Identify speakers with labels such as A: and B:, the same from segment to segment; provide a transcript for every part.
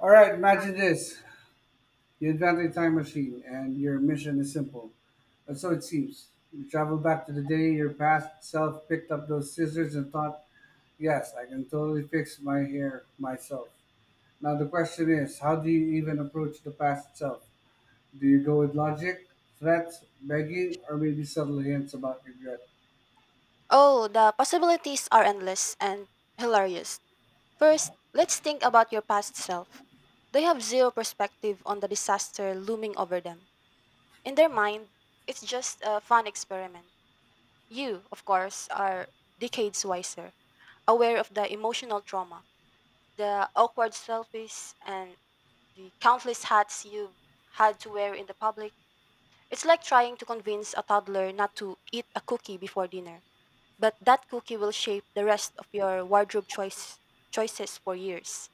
A: All right, imagine this. You invent a time machine, and your mission is simple. And so it seems. You travel back to the day your past self picked up those scissors and thought, yes, I can totally fix my hair myself. Now, the question is, how do you even approach the past self? Do you go with logic, threats, begging, or maybe subtle hints about regret?
B: Oh, the possibilities are endless and hilarious. First, let's think about your past self. They have zero perspective on the disaster looming over them. In their mind, it's just a fun experiment. You, of course, are decades wiser, aware of the emotional trauma, the awkward selfies, and the countless hats you've had to wear in the public. It's like trying to convince a toddler not to eat a cookie before dinner, but that cookie will shape the rest of your choices for years.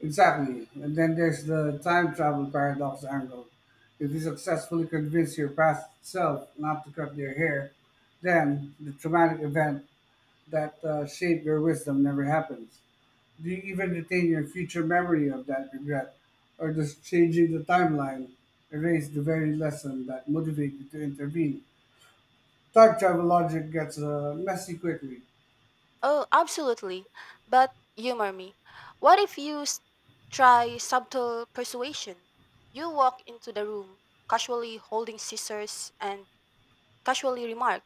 A: Exactly. And then there's the time travel paradox angle. If you successfully convince your past self not to cut their hair, then the traumatic event that shaped your wisdom never happens. Do you even retain your future memory of that regret? Or does changing the timeline erase the very lesson that motivated you to intervene? Time travel logic gets messy quickly.
B: Oh, absolutely. But humor me. What if you s- try subtle persuasion? You walk into the room, casually holding scissors, and casually remark,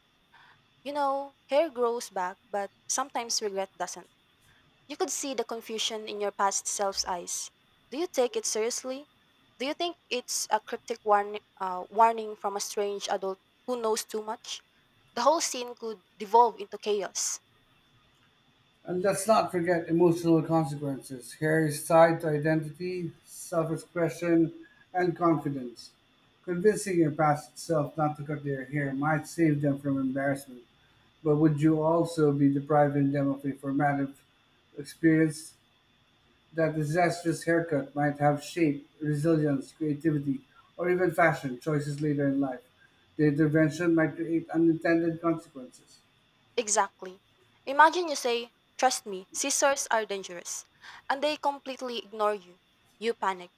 B: "You know, hair grows back, but sometimes regret doesn't." You could see the confusion in your past self's eyes. Do you take it seriously? Do you think it's a cryptic warning from a strange adult who knows too much? The whole scene could devolve into chaos.
A: And let's not forget emotional consequences. Care is tied to identity, self expression, and confidence. Convincing your past self not to cut their hair might save them from embarrassment, but would you also be depriving them of a formative experience? That disastrous haircut might have shape, resilience, creativity, or even fashion choices later in life. The intervention might create unintended consequences.
B: Exactly. Imagine you say, "Trust me, scissors are dangerous," and they completely ignore you. You panic.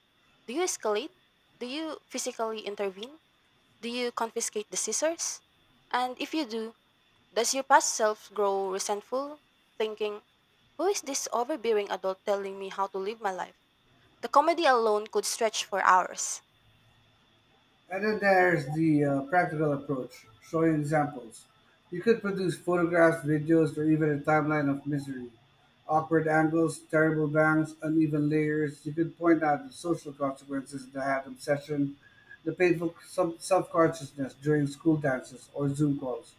B: Do you escalate? Do you physically intervene? Do you confiscate the scissors? And if you do, does your past self grow resentful, thinking, "Who is this overbearing adult telling me how to live my life?" The comedy alone could stretch for hours.
A: And then there's the practical approach, showing examples. You could produce photographs, videos, or even a timeline of misery. Awkward angles, terrible bangs, uneven layers. You could point out the social consequences of the hat obsession, the painful self consciousness during school dances or Zoom calls.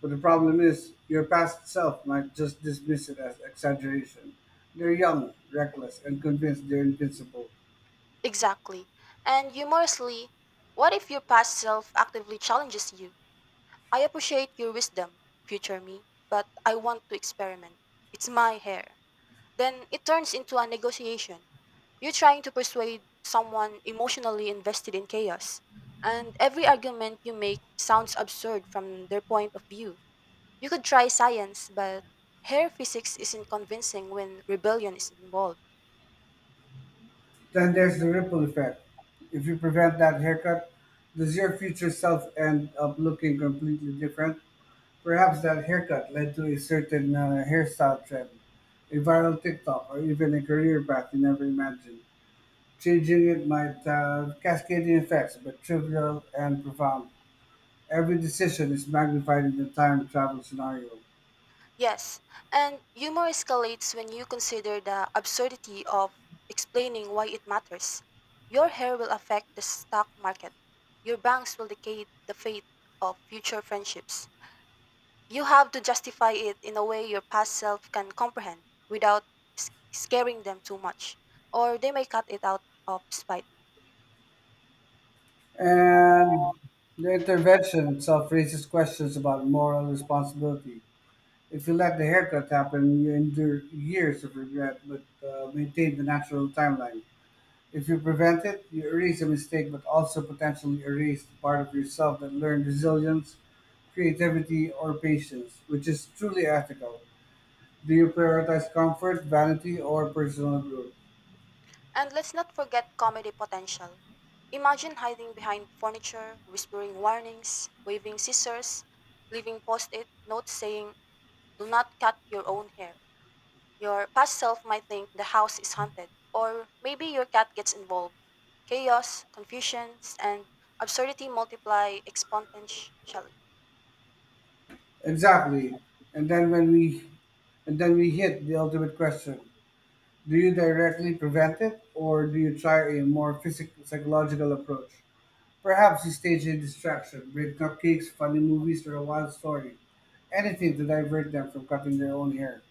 A: But the problem is, your past self might just dismiss it as exaggeration. They're young, reckless, and convinced they're invincible.
B: Exactly. And humorously, what if your past self actively challenges you? "I appreciate your wisdom, future me, but I want to experiment. It's my hair." Then it turns into a negotiation. You're trying to persuade someone emotionally invested in chaos, and every argument you make sounds absurd from their point of view. You could try science, but hair physics isn't convincing when rebellion is involved.
A: Then there's the ripple effect. If you prevent that haircut, does your future self end up looking completely different? Perhaps that haircut led to a certain hairstyle trend, a viral TikTok, or even a career path you never imagined. Changing it might have cascading effects, but trivial and profound. Every decision is magnified in the time travel scenario.
B: Yes, and humor escalates when you consider the absurdity of explaining why it matters. Your hair will affect the stock market. Your banks will decay the fate of future friendships. You have to justify it in a way your past self can comprehend without scaring them too much, or they may cut it out of spite.
A: And the intervention itself raises questions about moral responsibility. If you let the haircut happen, you endure years of regret but maintain the natural timeline. If you prevent it, you erase a mistake but also potentially erase the part of yourself that learned resilience, creativity, or patience, which is truly ethical. Do you prioritize comfort, vanity, or personal growth?
B: And let's not forget comedy potential. Imagine hiding behind furniture, whispering warnings, waving scissors, leaving post it notes saying, "Do not cut your own hair." Your past self might think the house is haunted, or maybe your cat gets involved. Chaos, confusions, and absurdity multiply exponentially.
A: Exactly. And then when we and then we hit the ultimate question. Do you directly prevent it or do you try a more psychological approach? Perhaps he staged a distraction, made cupcakes, funny movies, or a wild story. Anything to divert them from cutting their own hair.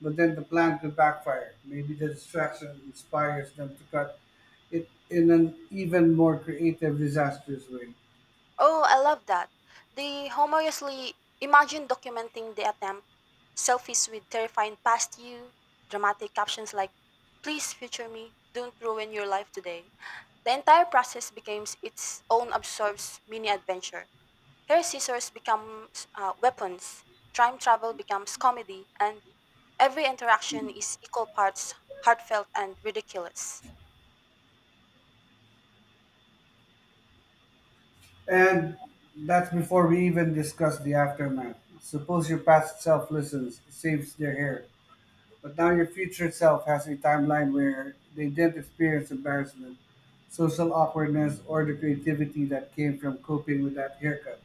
A: But then the plan could backfire. Maybe the distraction inspires them to cut it in an even more creative, disastrous way.
B: Oh, I love that. They humorously imagine documenting the attempt, selfies with terrifying past you, dramatic captions like, "Please future me, don't ruin your life today." The entire process becomes its own absurd mini adventure. Hair scissors becomes weapons, time travel becomes comedy, and every interaction is equal parts heartfelt and ridiculous.
A: And that's before we even discuss the aftermath. Suppose your past self listens, saves their hair, but now your future self has a timeline where they didn't experience embarrassment, social awkwardness, or the creativity that came from coping with that haircut.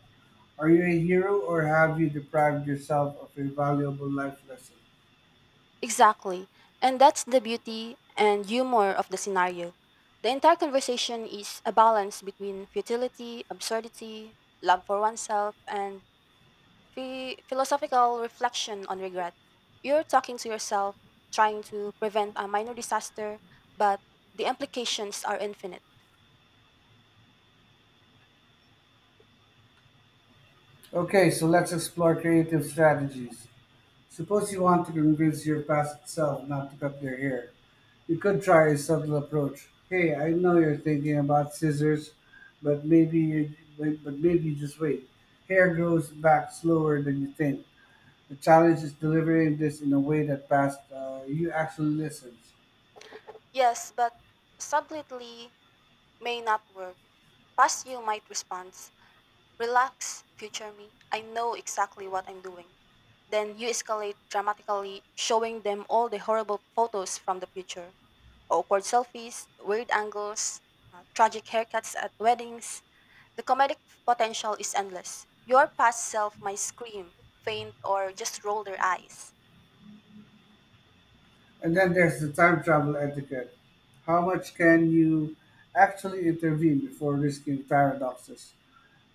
A: Are you a hero or have you deprived yourself of a valuable life lesson?
B: Exactly. And that's the beauty and humor of the scenario. The entire conversation is a balance between futility, absurdity, love for oneself, and philosophical reflection on regret. You're talking to yourself, trying to prevent a minor disaster, but the implications are infinite.
A: Okay, so let's explore creative strategies. Suppose you want to convince your past self not to cut their hair. You could try a subtle approach. Hey, I know you're thinking about scissors, but maybe you, but maybe just wait. Hair grows back slower than you think. The challenge is delivering this in a way that past you actually listens.
B: Yes, but subtly may not work. Past you might respond, "Relax, future me. I know exactly what I'm doing." Then you escalate dramatically, showing them all the horrible photos from the future awkward selfies, weird angles, tragic haircuts at weddings. The comedic potential is endless. Your past self might scream, faint, or just roll their eyes.
A: And then there's the time travel etiquette. How much can you actually intervene before risking paradoxes?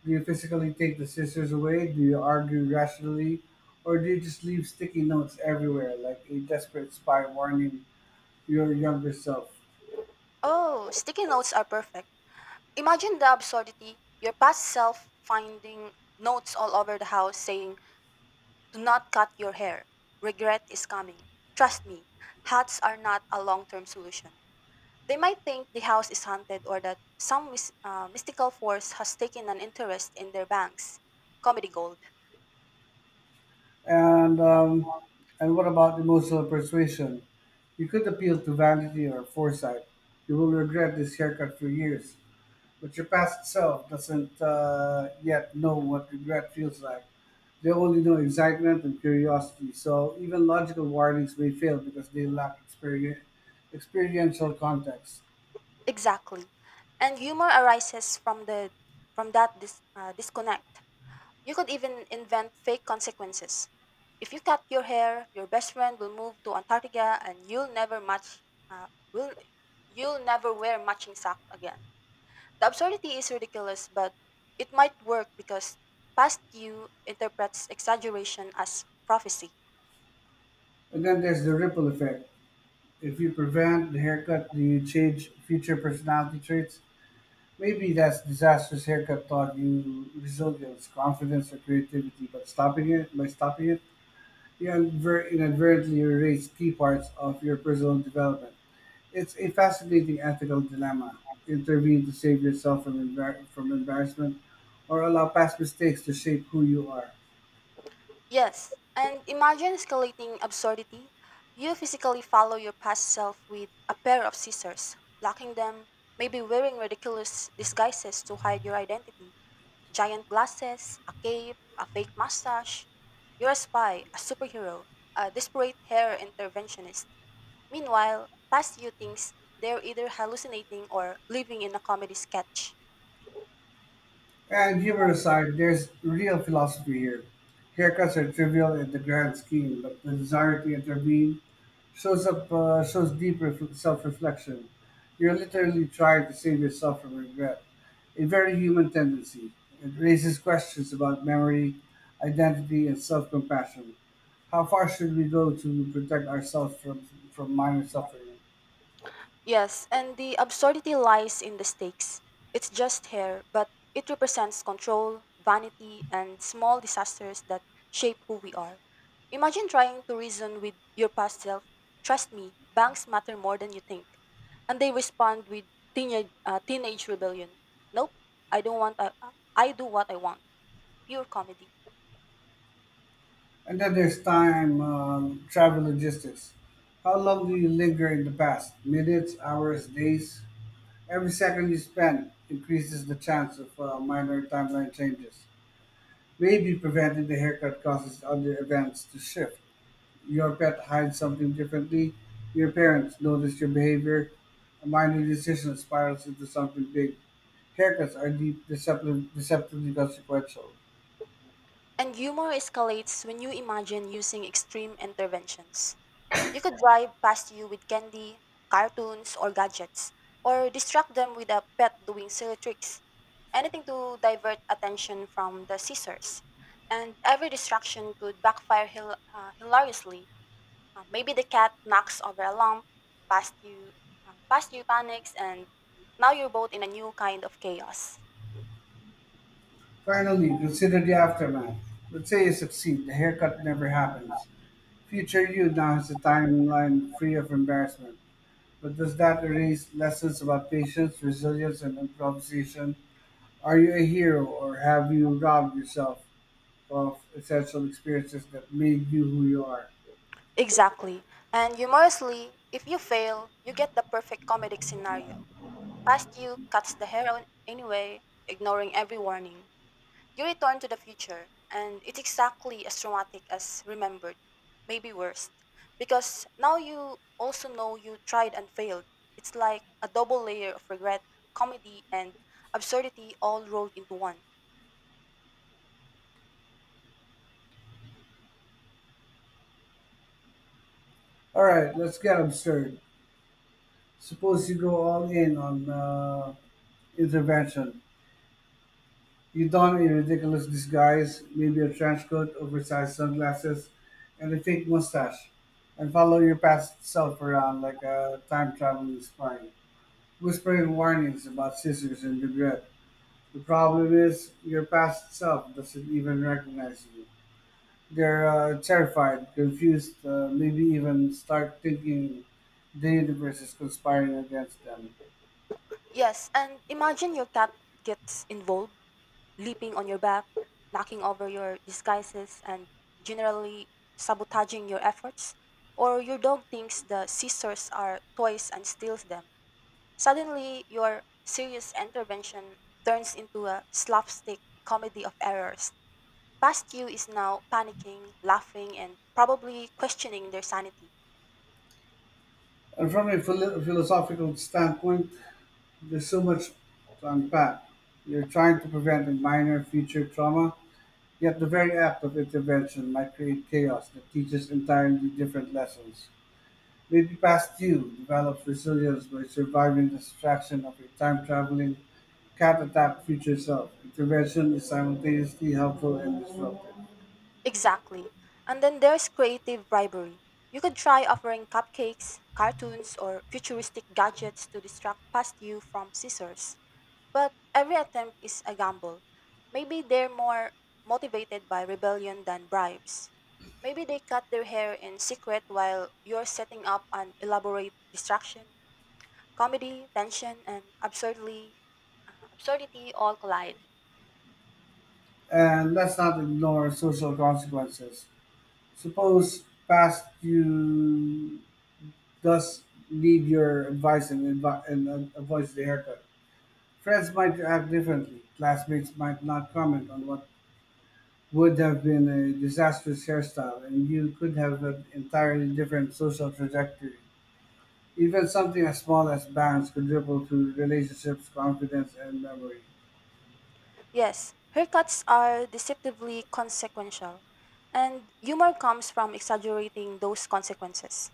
A: Do you physically take the scissors away? Do you argue rationally? Or do you just leave sticky notes everywhere like a desperate spy warning your younger self.
B: Oh, sticky notes are perfect. Imagine the absurdity. Your past self finding notes all over the house saying, "Do not cut your hair. Regret is coming. Trust me, hats are not a long term solution." They might think the house is haunted or that some mystical force has taken an interest in their banks. Comedy gold.
A: And um, and what about emotional persuasion? You could appeal to vanity or foresight. You will regret this haircut for years, but your past self doesn't yet know what regret feels like. They only know excitement and curiosity. So even logical warnings may fail because they lack experiential context.
B: Exactly. And humor arises from that disconnect. You could even invent fake consequences. If you cut your hair, your best friend will move to Antarctica and uh, will, you'll never wear matching sock again. The absurdity is ridiculous, but it might work because past you interprets exaggeration as prophecy.
A: And then there's the ripple effect. If you prevent the haircut, do you change future personality traits? Maybe that's disastrous haircut taught you resilience, confidence, or creativity, but stopping it by stopping it, you inadvertently erase key parts of your personal development. It's a fascinating ethical dilemma: intervene to save yourself from embarrassment, or allow past mistakes to shape who you are.
B: Yes, and imagine escalating absurdity. You physically follow your past self with a pair of scissors, blocking them, maybe wearing ridiculous disguises to hide your identity giant glasses, a cape, a fake mustache. You're a spy, a superhero, a desperate hair interventionist. Meanwhile, past you thinks they're either hallucinating or living in a comedy sketch.
A: And humor aside, there's real philosophy here. Haircuts are trivial in the grand scheme, but the desire to intervene shows deep self-reflection. You're literally trying to save yourself from regret, a very human tendency. It raises questions about memory, identity, and self-compassion. How far should we go to protect ourselves from minor suffering?
B: Yes, and the absurdity lies in the stakes. It's just hair, but it represents control, vanity, and small disasters that shape who we are. Imagine trying to reason with your past self. Trust me, banks matter more than you think. And they respond with teenage rebellion. Nope, I don't want. I do what I want. Pure comedy.
A: And then there's time travel logistics. How long do you linger in the past? Minutes, hours, days? Every second you spend increases the chance of minor timeline changes. Maybe preventing the haircut causes other events to shift. Your pet hides something differently. Your parents notice your behavior. A minor decision spirals into something big. Haircuts are deceptively consequential.
B: And humor escalates when you imagine using extreme interventions. You could drive past you with candy, cartoons, or gadgets, or distract them with a pet doing silly tricks. Anything to divert attention from the scissors. And every distraction could backfire hilariously. Maybe the cat knocks over a lamp, past you, past you panics, and now you're both in a new kind of chaos.
A: Finally, consider the aftermath. Let's say you succeed. The haircut never happens. Future you now has a timeline free of embarrassment. But does that erase lessons about patience, resilience, and improvisation? Are you a hero or have you robbed yourself of essential experiences that made you who you are?
B: Exactly. And humorously, if you fail, you get the perfect comedic scenario. Past you cuts the hair on anyway, ignoring every warning. You return to the future, and it's exactly as traumatic as remembered, maybe worse, because now you also know you tried and failed. It's like a double layer of regret, comedy, and absurdity all rolled into one.
A: All right, let's get absurd. Suppose you go all in on intervention. You don a ridiculous disguise, maybe a trench coat, oversized sunglasses, and a fake mustache, and follow your past self around like a time traveling spy, whispering warnings about scissors and regret. The problem is, your past self doesn't even recognize you. They're terrified, confused, maybe even start thinking the universe is conspiring against them.
B: Yes, and imagine your cat gets involved leaping on your back, knocking over your disguises, and generally sabotaging your efforts, or your dog thinks the scissors are toys and steals them. Suddenly, your serious intervention turns into a slapstick comedy of errors. Past you is now panicking, laughing, and probably questioning their sanity.
A: And from a philosophical standpoint, there's so much to unpack. You're trying to prevent a minor future trauma, yet the very act of intervention might create chaos that teaches entirely different lessons. Maybe past you develops resilience by surviving the distraction of a time traveling cat attack future self. Intervention is simultaneously helpful and disruptive.
B: Exactly. And then there's creative bribery. You could try offering cupcakes, cartoons, or futuristic gadgets to distract past you from scissors. But every attempt is a gamble. Maybe they're more motivated by rebellion than bribes. Maybe they cut their hair in secret while you're setting up an elaborate distraction. Comedy, tension, and absurdity all collide.
A: And let's not ignore social consequences. Suppose past you does need your advice and avoids the haircut. Friends might act differently. Classmates might not comment on what would have been a disastrous hairstyle, and you could have an entirely different social trajectory. Even something as small as bands could ripple through relationships, confidence, and memory.
B: Yes, haircuts are deceptively consequential, and humor comes from exaggerating those consequences.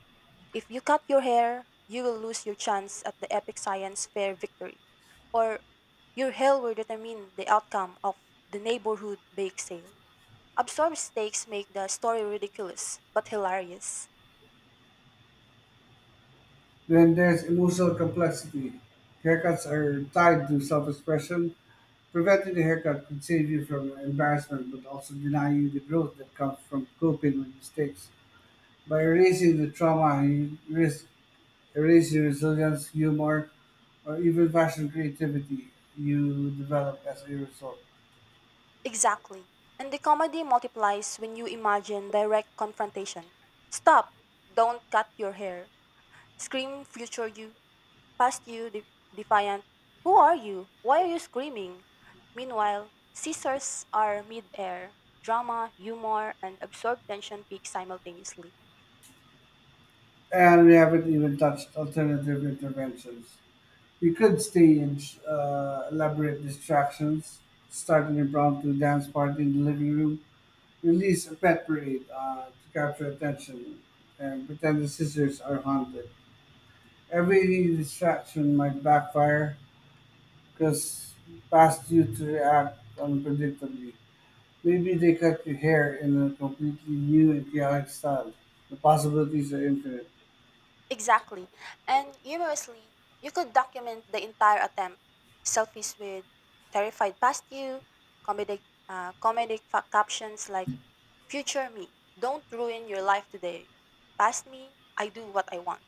B: If you cut your hair, you will lose your chance at the epic science fair victory, or your hair will determine the outcome of the neighborhood bake sale. Absurd stakes make the story ridiculous but hilarious.
A: Then there's emotional complexity. Haircuts are tied to self expression. Preventing the haircut could save you from embarrassment but also deny you the growth that comes from coping with mistakes. By erasing the trauma, you risk erasing resilience, humor, or even fashion creativity you develop as a result.
B: Exactly. And the comedy multiplies when you imagine direct confrontation. Stop! Don't cut your hair. Scream future you. Past you, defiant. Who are you? Why are you screaming? Meanwhile, scissors are mid-air. Drama, humor, and absorbed tension peak simultaneously.
A: And we haven't even touched alternative interventions. We could stage elaborate distractions, start an impromptu dance party in the living room, release a pet parade to capture attention and pretend the scissors are haunted. Every distraction might backfire because past you to react unpredictably. Maybe they cut your hair in a completely new and chaotic style. The possibilities are infinite.
B: Exactly. And humorously, you could document the entire attempt. Selfies with terrified past you, comedic, comedic captions like, "Future me, don't ruin your life today. Past me, I do what I want."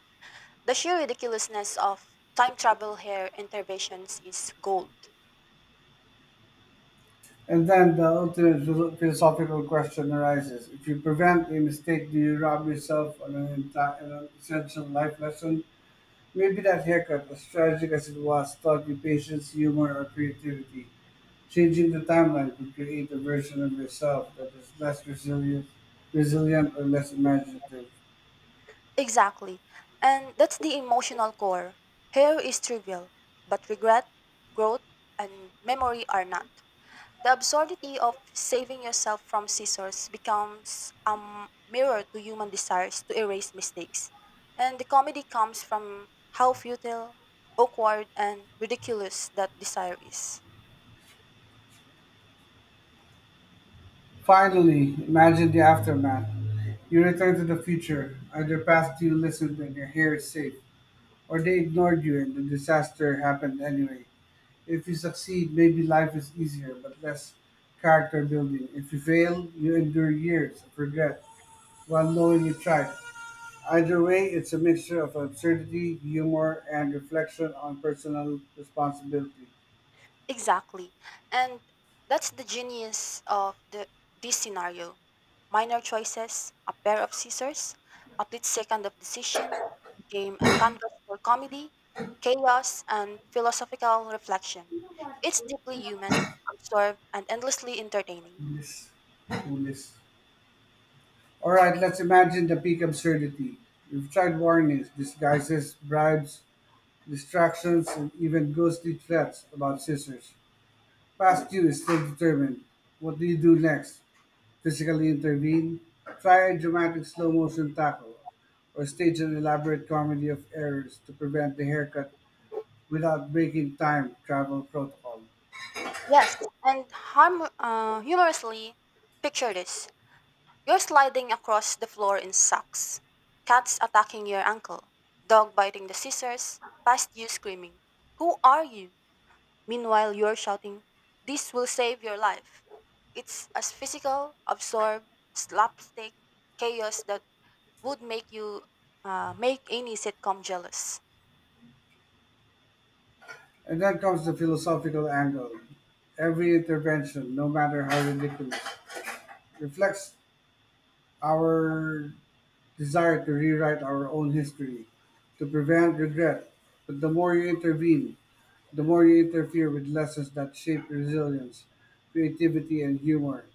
B: The sheer ridiculousness of time travel hair interventions is gold.
A: And then the ultimate philosophical question arises. If you prevent a mistake, do you rob yourself of an essential life lesson? Maybe that haircut, as tragic as it was, taught you patience, humor, or creativity. Changing the timeline could create a version of yourself that is resilient or less imaginative.
B: Exactly. And that's the emotional core. Hair is trivial, but regret, growth, and memory are not. The absurdity of saving yourself from scissors becomes a mirror to human desires to erase mistakes. And the comedy comes from how futile, awkward, and ridiculous that desire is.
A: Finally, imagine the aftermath. You return to the future, either past you listened and your hair is safe, or they ignored you and the disaster happened anyway. If you succeed, maybe life is easier but less character building. If you fail, you endure years of regret while knowing you tried. Either way, it's a mixture of absurdity, humor, and reflection on personal responsibility.
B: Exactly. And that's the genius of the this scenario. Minor choices, a pair of scissors, a split second of decision became a canvas for comedy, chaos, and philosophical reflection. It's deeply human, absurd, and endlessly entertaining.
A: Coolest. Coolest. All right, let's imagine the peak absurdity. We've tried warnings, disguises, bribes, distractions, and even ghostly threats about scissors. Past you is still determined. What do you do next? Physically intervene? Try a dramatic slow motion tackle? Or stage an elaborate comedy of errors to prevent the haircut without breaking time travel protocol.
B: Yes, and humorously, picture this. You're sliding across the floor in socks, cats attacking your ankle, dog biting the scissors, past you screaming, "Who are you?" Meanwhile, you're shouting, "This will save your life." It's as physical, absurd, slapstick chaos that would make you make any sitcom jealous.
A: And then comes the philosophical angle. Every intervention, no matter how ridiculous, reflects our desire to rewrite our own history, to prevent regret. But the more you intervene, the more you interfere with lessons that shape resilience, creativity, and humor.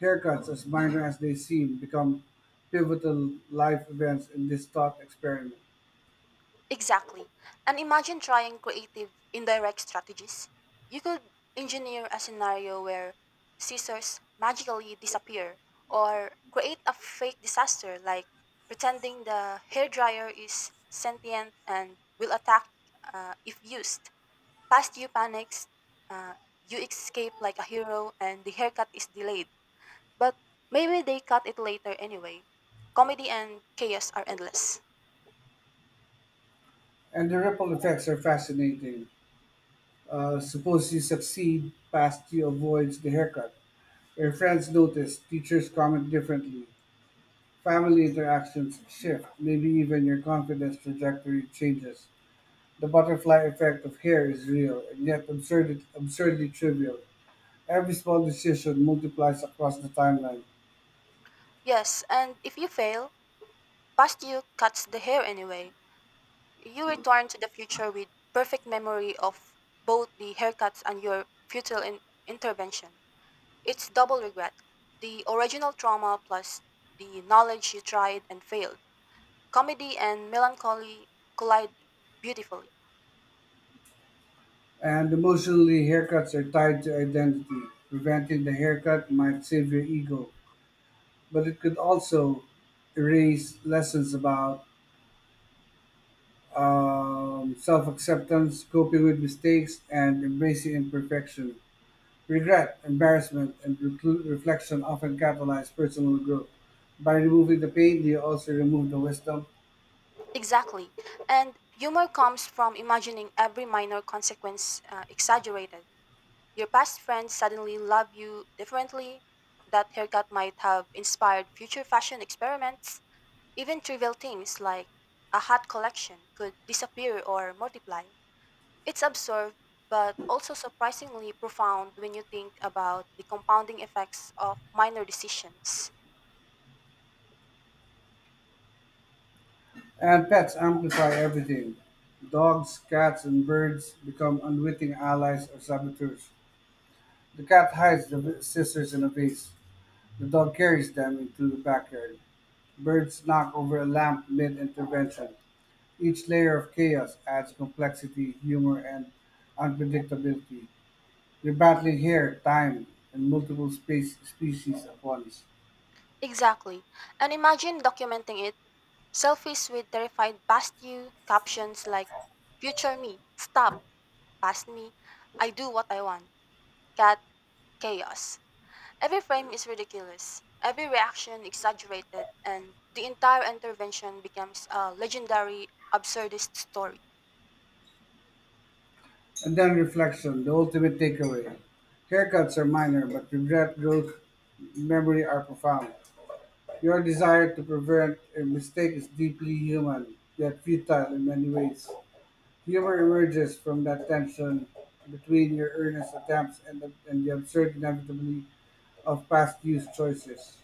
A: Haircuts, as minor as they seem, become pivotal life events in this thought experiment.
B: Exactly. And imagine trying creative indirect strategies. You could engineer a scenario where scissors magically disappear or create a fake disaster like pretending the hairdryer is sentient and will attack if used. Past you panics, uh, you escape like a hero and the haircut is delayed. But maybe they cut it later anyway. Comedy and chaos are endless.
A: And the ripple effects are fascinating. Suppose you succeed past you avoids the haircut. Your friends notice, teachers comment differently, family interactions shift, maybe even your confidence trajectory changes. The butterfly effect of hair is real and yet absurdly trivial. Every small decision multiplies across the timeline.
B: Yes, and if you fail, past you cuts the hair anyway. You return to the future with perfect memory of both the haircuts and your futile intervention. It's double regret. The original trauma plus the knowledge you tried and failed. Comedy and melancholy collide beautifully.
A: And emotionally, haircuts are tied to identity. Preventing the haircut might save your ego, but it could also erase lessons about self acceptance, coping with mistakes, and embracing imperfection. Regret, embarrassment, and reflection often catalyze personal growth. By removing the pain, you also remove the wisdom.
B: Exactly. And humor comes from imagining every minor consequence exaggerated. Your past friends suddenly love you differently. That haircut might have inspired future fashion experiments. Even trivial things like a hat collection could disappear or multiply. It's absurd, but also surprisingly profound when you think about the compounding effects of minor decisions.
A: And pets amplify everything. Dogs, cats, and birds become unwitting allies or saboteurs. The cat hides the scissors in a vase. The dog carries them into the backyard. Birds knock over a lamp mid intervention. Each layer of chaos adds complexity, humor, and unpredictability. You're battling hair, time, and multiple space species at once.
B: Exactly. And imagine documenting it selfies with terrified past you, captions like, "Future me, stop, past me, I do what I want, cat chaos." Every frame is ridiculous, every reaction exaggerated, and the entire intervention becomes a legendary absurdist story.
A: And then reflection, the ultimate takeaway. Haircuts are minor, but regret, growth, memory are profound. Your desire to prevent a mistake is deeply human, yet futile in many ways. Humor emerges from that tension between your earnest attempts and the absurd inevitability of past youth choices.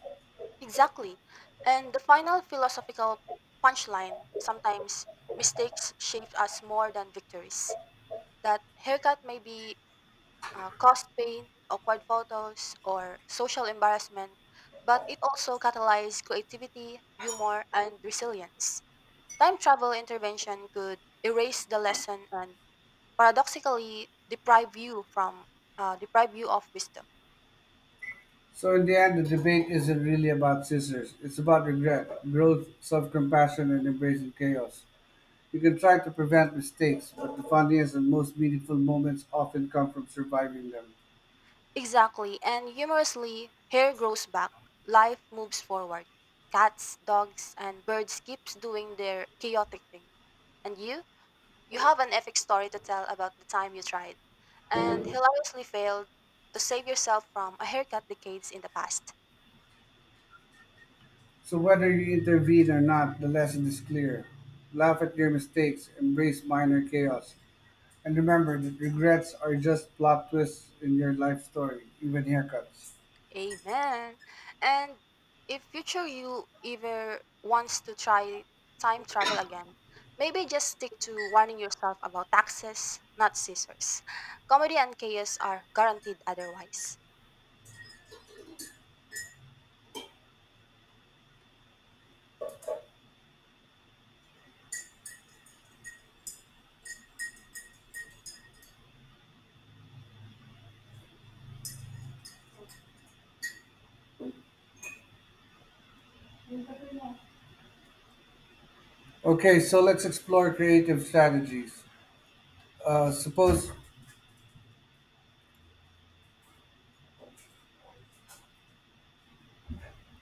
B: Exactly. And the final philosophical punchline sometimes mistakes shape us more than victories. That haircut may be caused pain, awkward photos, or social embarrassment, but it also catalyzed creativity, humor, and resilience. Time travel intervention could erase the lesson and paradoxically deprive you of wisdom.
A: So in the end, the debate isn't really about scissors. It's about regret, growth, self-compassion, and embracing chaos. You can try to prevent mistakes, but the funniest and most meaningful moments often come from surviving them.
B: Exactly, and humorously, hair grows back, life moves forward. Cats, dogs, and birds keeps doing their chaotic thing. And you have an epic story to tell about the time you tried and hilariously failed to save yourself from a haircut decades in the past.
A: So whether you intervene or not, the lesson is clear. Laugh at your mistakes, embrace minor chaos, and remember that regrets are just plot twists in your life story, even haircuts.
B: Amen. And if future you ever wants to try time travel again, maybe just stick to warning yourself about taxes, not scissors. Comedy and chaos are guaranteed otherwise.
A: Okay, so let's explore creative strategies. Suppose,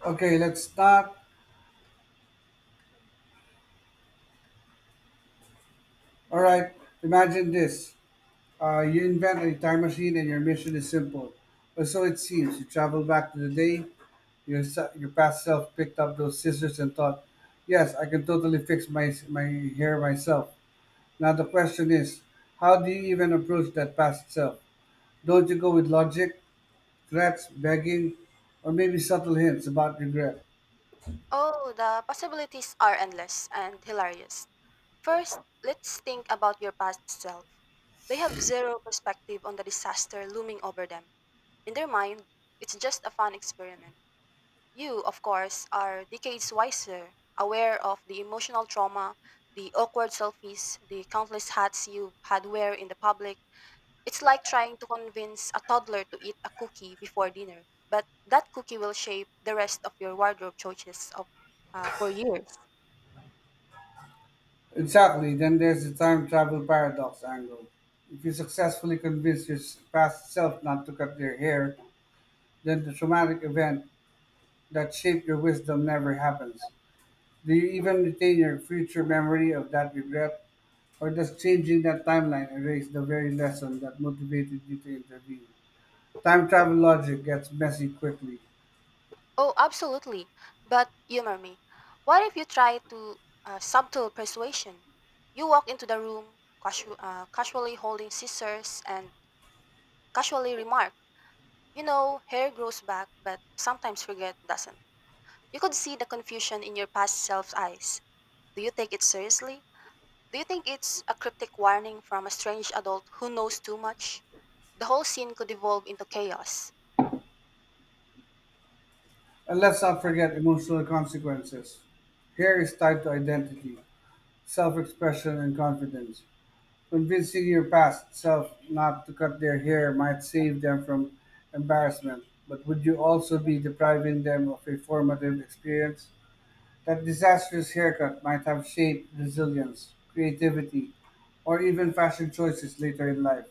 A: okay, let's not All right, imagine this. You invent a time machine and your mission is simple. Or so it seems. You travel back to the day your past self picked up those scissors and thought, yes, I can totally fix my hair myself. Now the question is, how do you even approach that past self? Don't you go with logic, threats, begging, or maybe subtle hints about regret?
B: Oh, the possibilities are endless and hilarious. First, let's think about your past self. They have zero perspective on the disaster looming over them. In their mind, it's just a fun experiment. You, of course, are decades wiser, aware of the emotional trauma, the awkward selfies, the countless hats you've had wear in the public. It's like trying to convince a toddler to eat a cookie before dinner, but that cookie will shape the rest of your for years.
A: Exactly. Then there's the time travel paradox angle. If you successfully convince your past self not to cut their hair, then the traumatic event that shaped your wisdom never happens. Do you even retain your future memory of that regret, or does changing that timeline erase the very lesson that motivated you to intervene? Time travel logic gets messy quickly.
B: Oh, absolutely. But humor me. What if you try to subtle persuasion? You walk into the room, casually holding scissors, and casually remark, "You know, hair grows back, but sometimes forget doesn't." You could see the confusion in your past self's eyes. Do you take it seriously? Do you think it's a cryptic warning from a strange adult who knows too much? The whole scene could evolve into chaos.
A: And let's not forget emotional consequences. Hair is tied to identity, self expression, and confidence. Convincing your past self not to cut their hair might save them from embarrassment, but would you also be depriving them of a formative experience? That disastrous haircut might have shaped resilience, creativity, or even fashion choices later in life.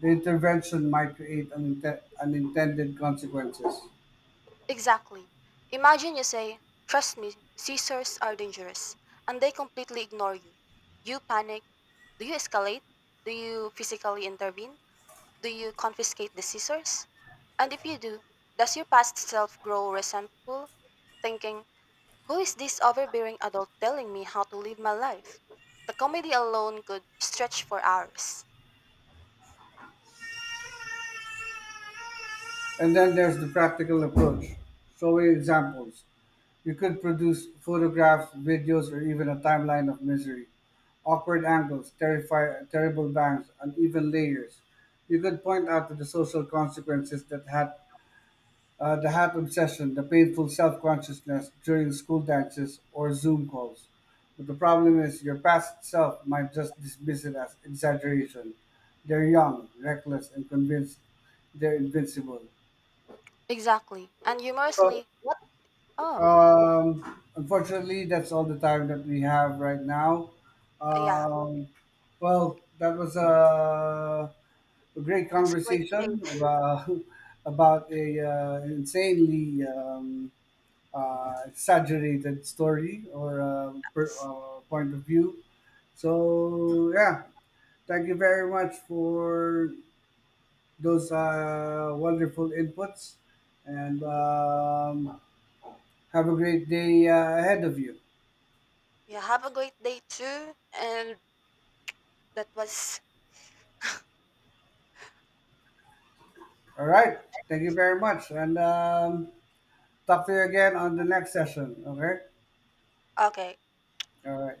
A: The intervention might create unintended consequences.
B: Exactly. Imagine you say, "Trust me, scissors are dangerous," and they completely ignore you. You panic. Do you escalate? Do you physically intervene? Do you confiscate the scissors? And if you do, does your past self grow resentful, thinking, "Who is this overbearing adult telling me how to live my life?" The comedy alone could stretch for hours.
A: And then there's the practical approach, showing examples. You could produce photographs, videos, or even a timeline of misery. Awkward angles, terrible bangs, uneven layers. You could point out to the social consequences that had the hat obsession, the painful self-consciousness during school dances or Zoom calls. But the problem is, your past self might just dismiss it as exaggeration. They're young, reckless, and convinced they're invincible.
B: Exactly. And
A: So
B: humorously, what? Oh,
A: Um, Unfortunately, that's all the time that we have right now.
B: yeah,
A: Um, well, that was a great
B: that was a great debate.
A: conversation about about a insanely exaggerated story or point of view. So yeah, thank you very much for those wonderful inputs, and have a great day ahead of you.
B: Yeah, have a great day too. And that was
A: All right. Thank you very much. And talk to you again on the next session. Okay.
B: okay.
A: All right.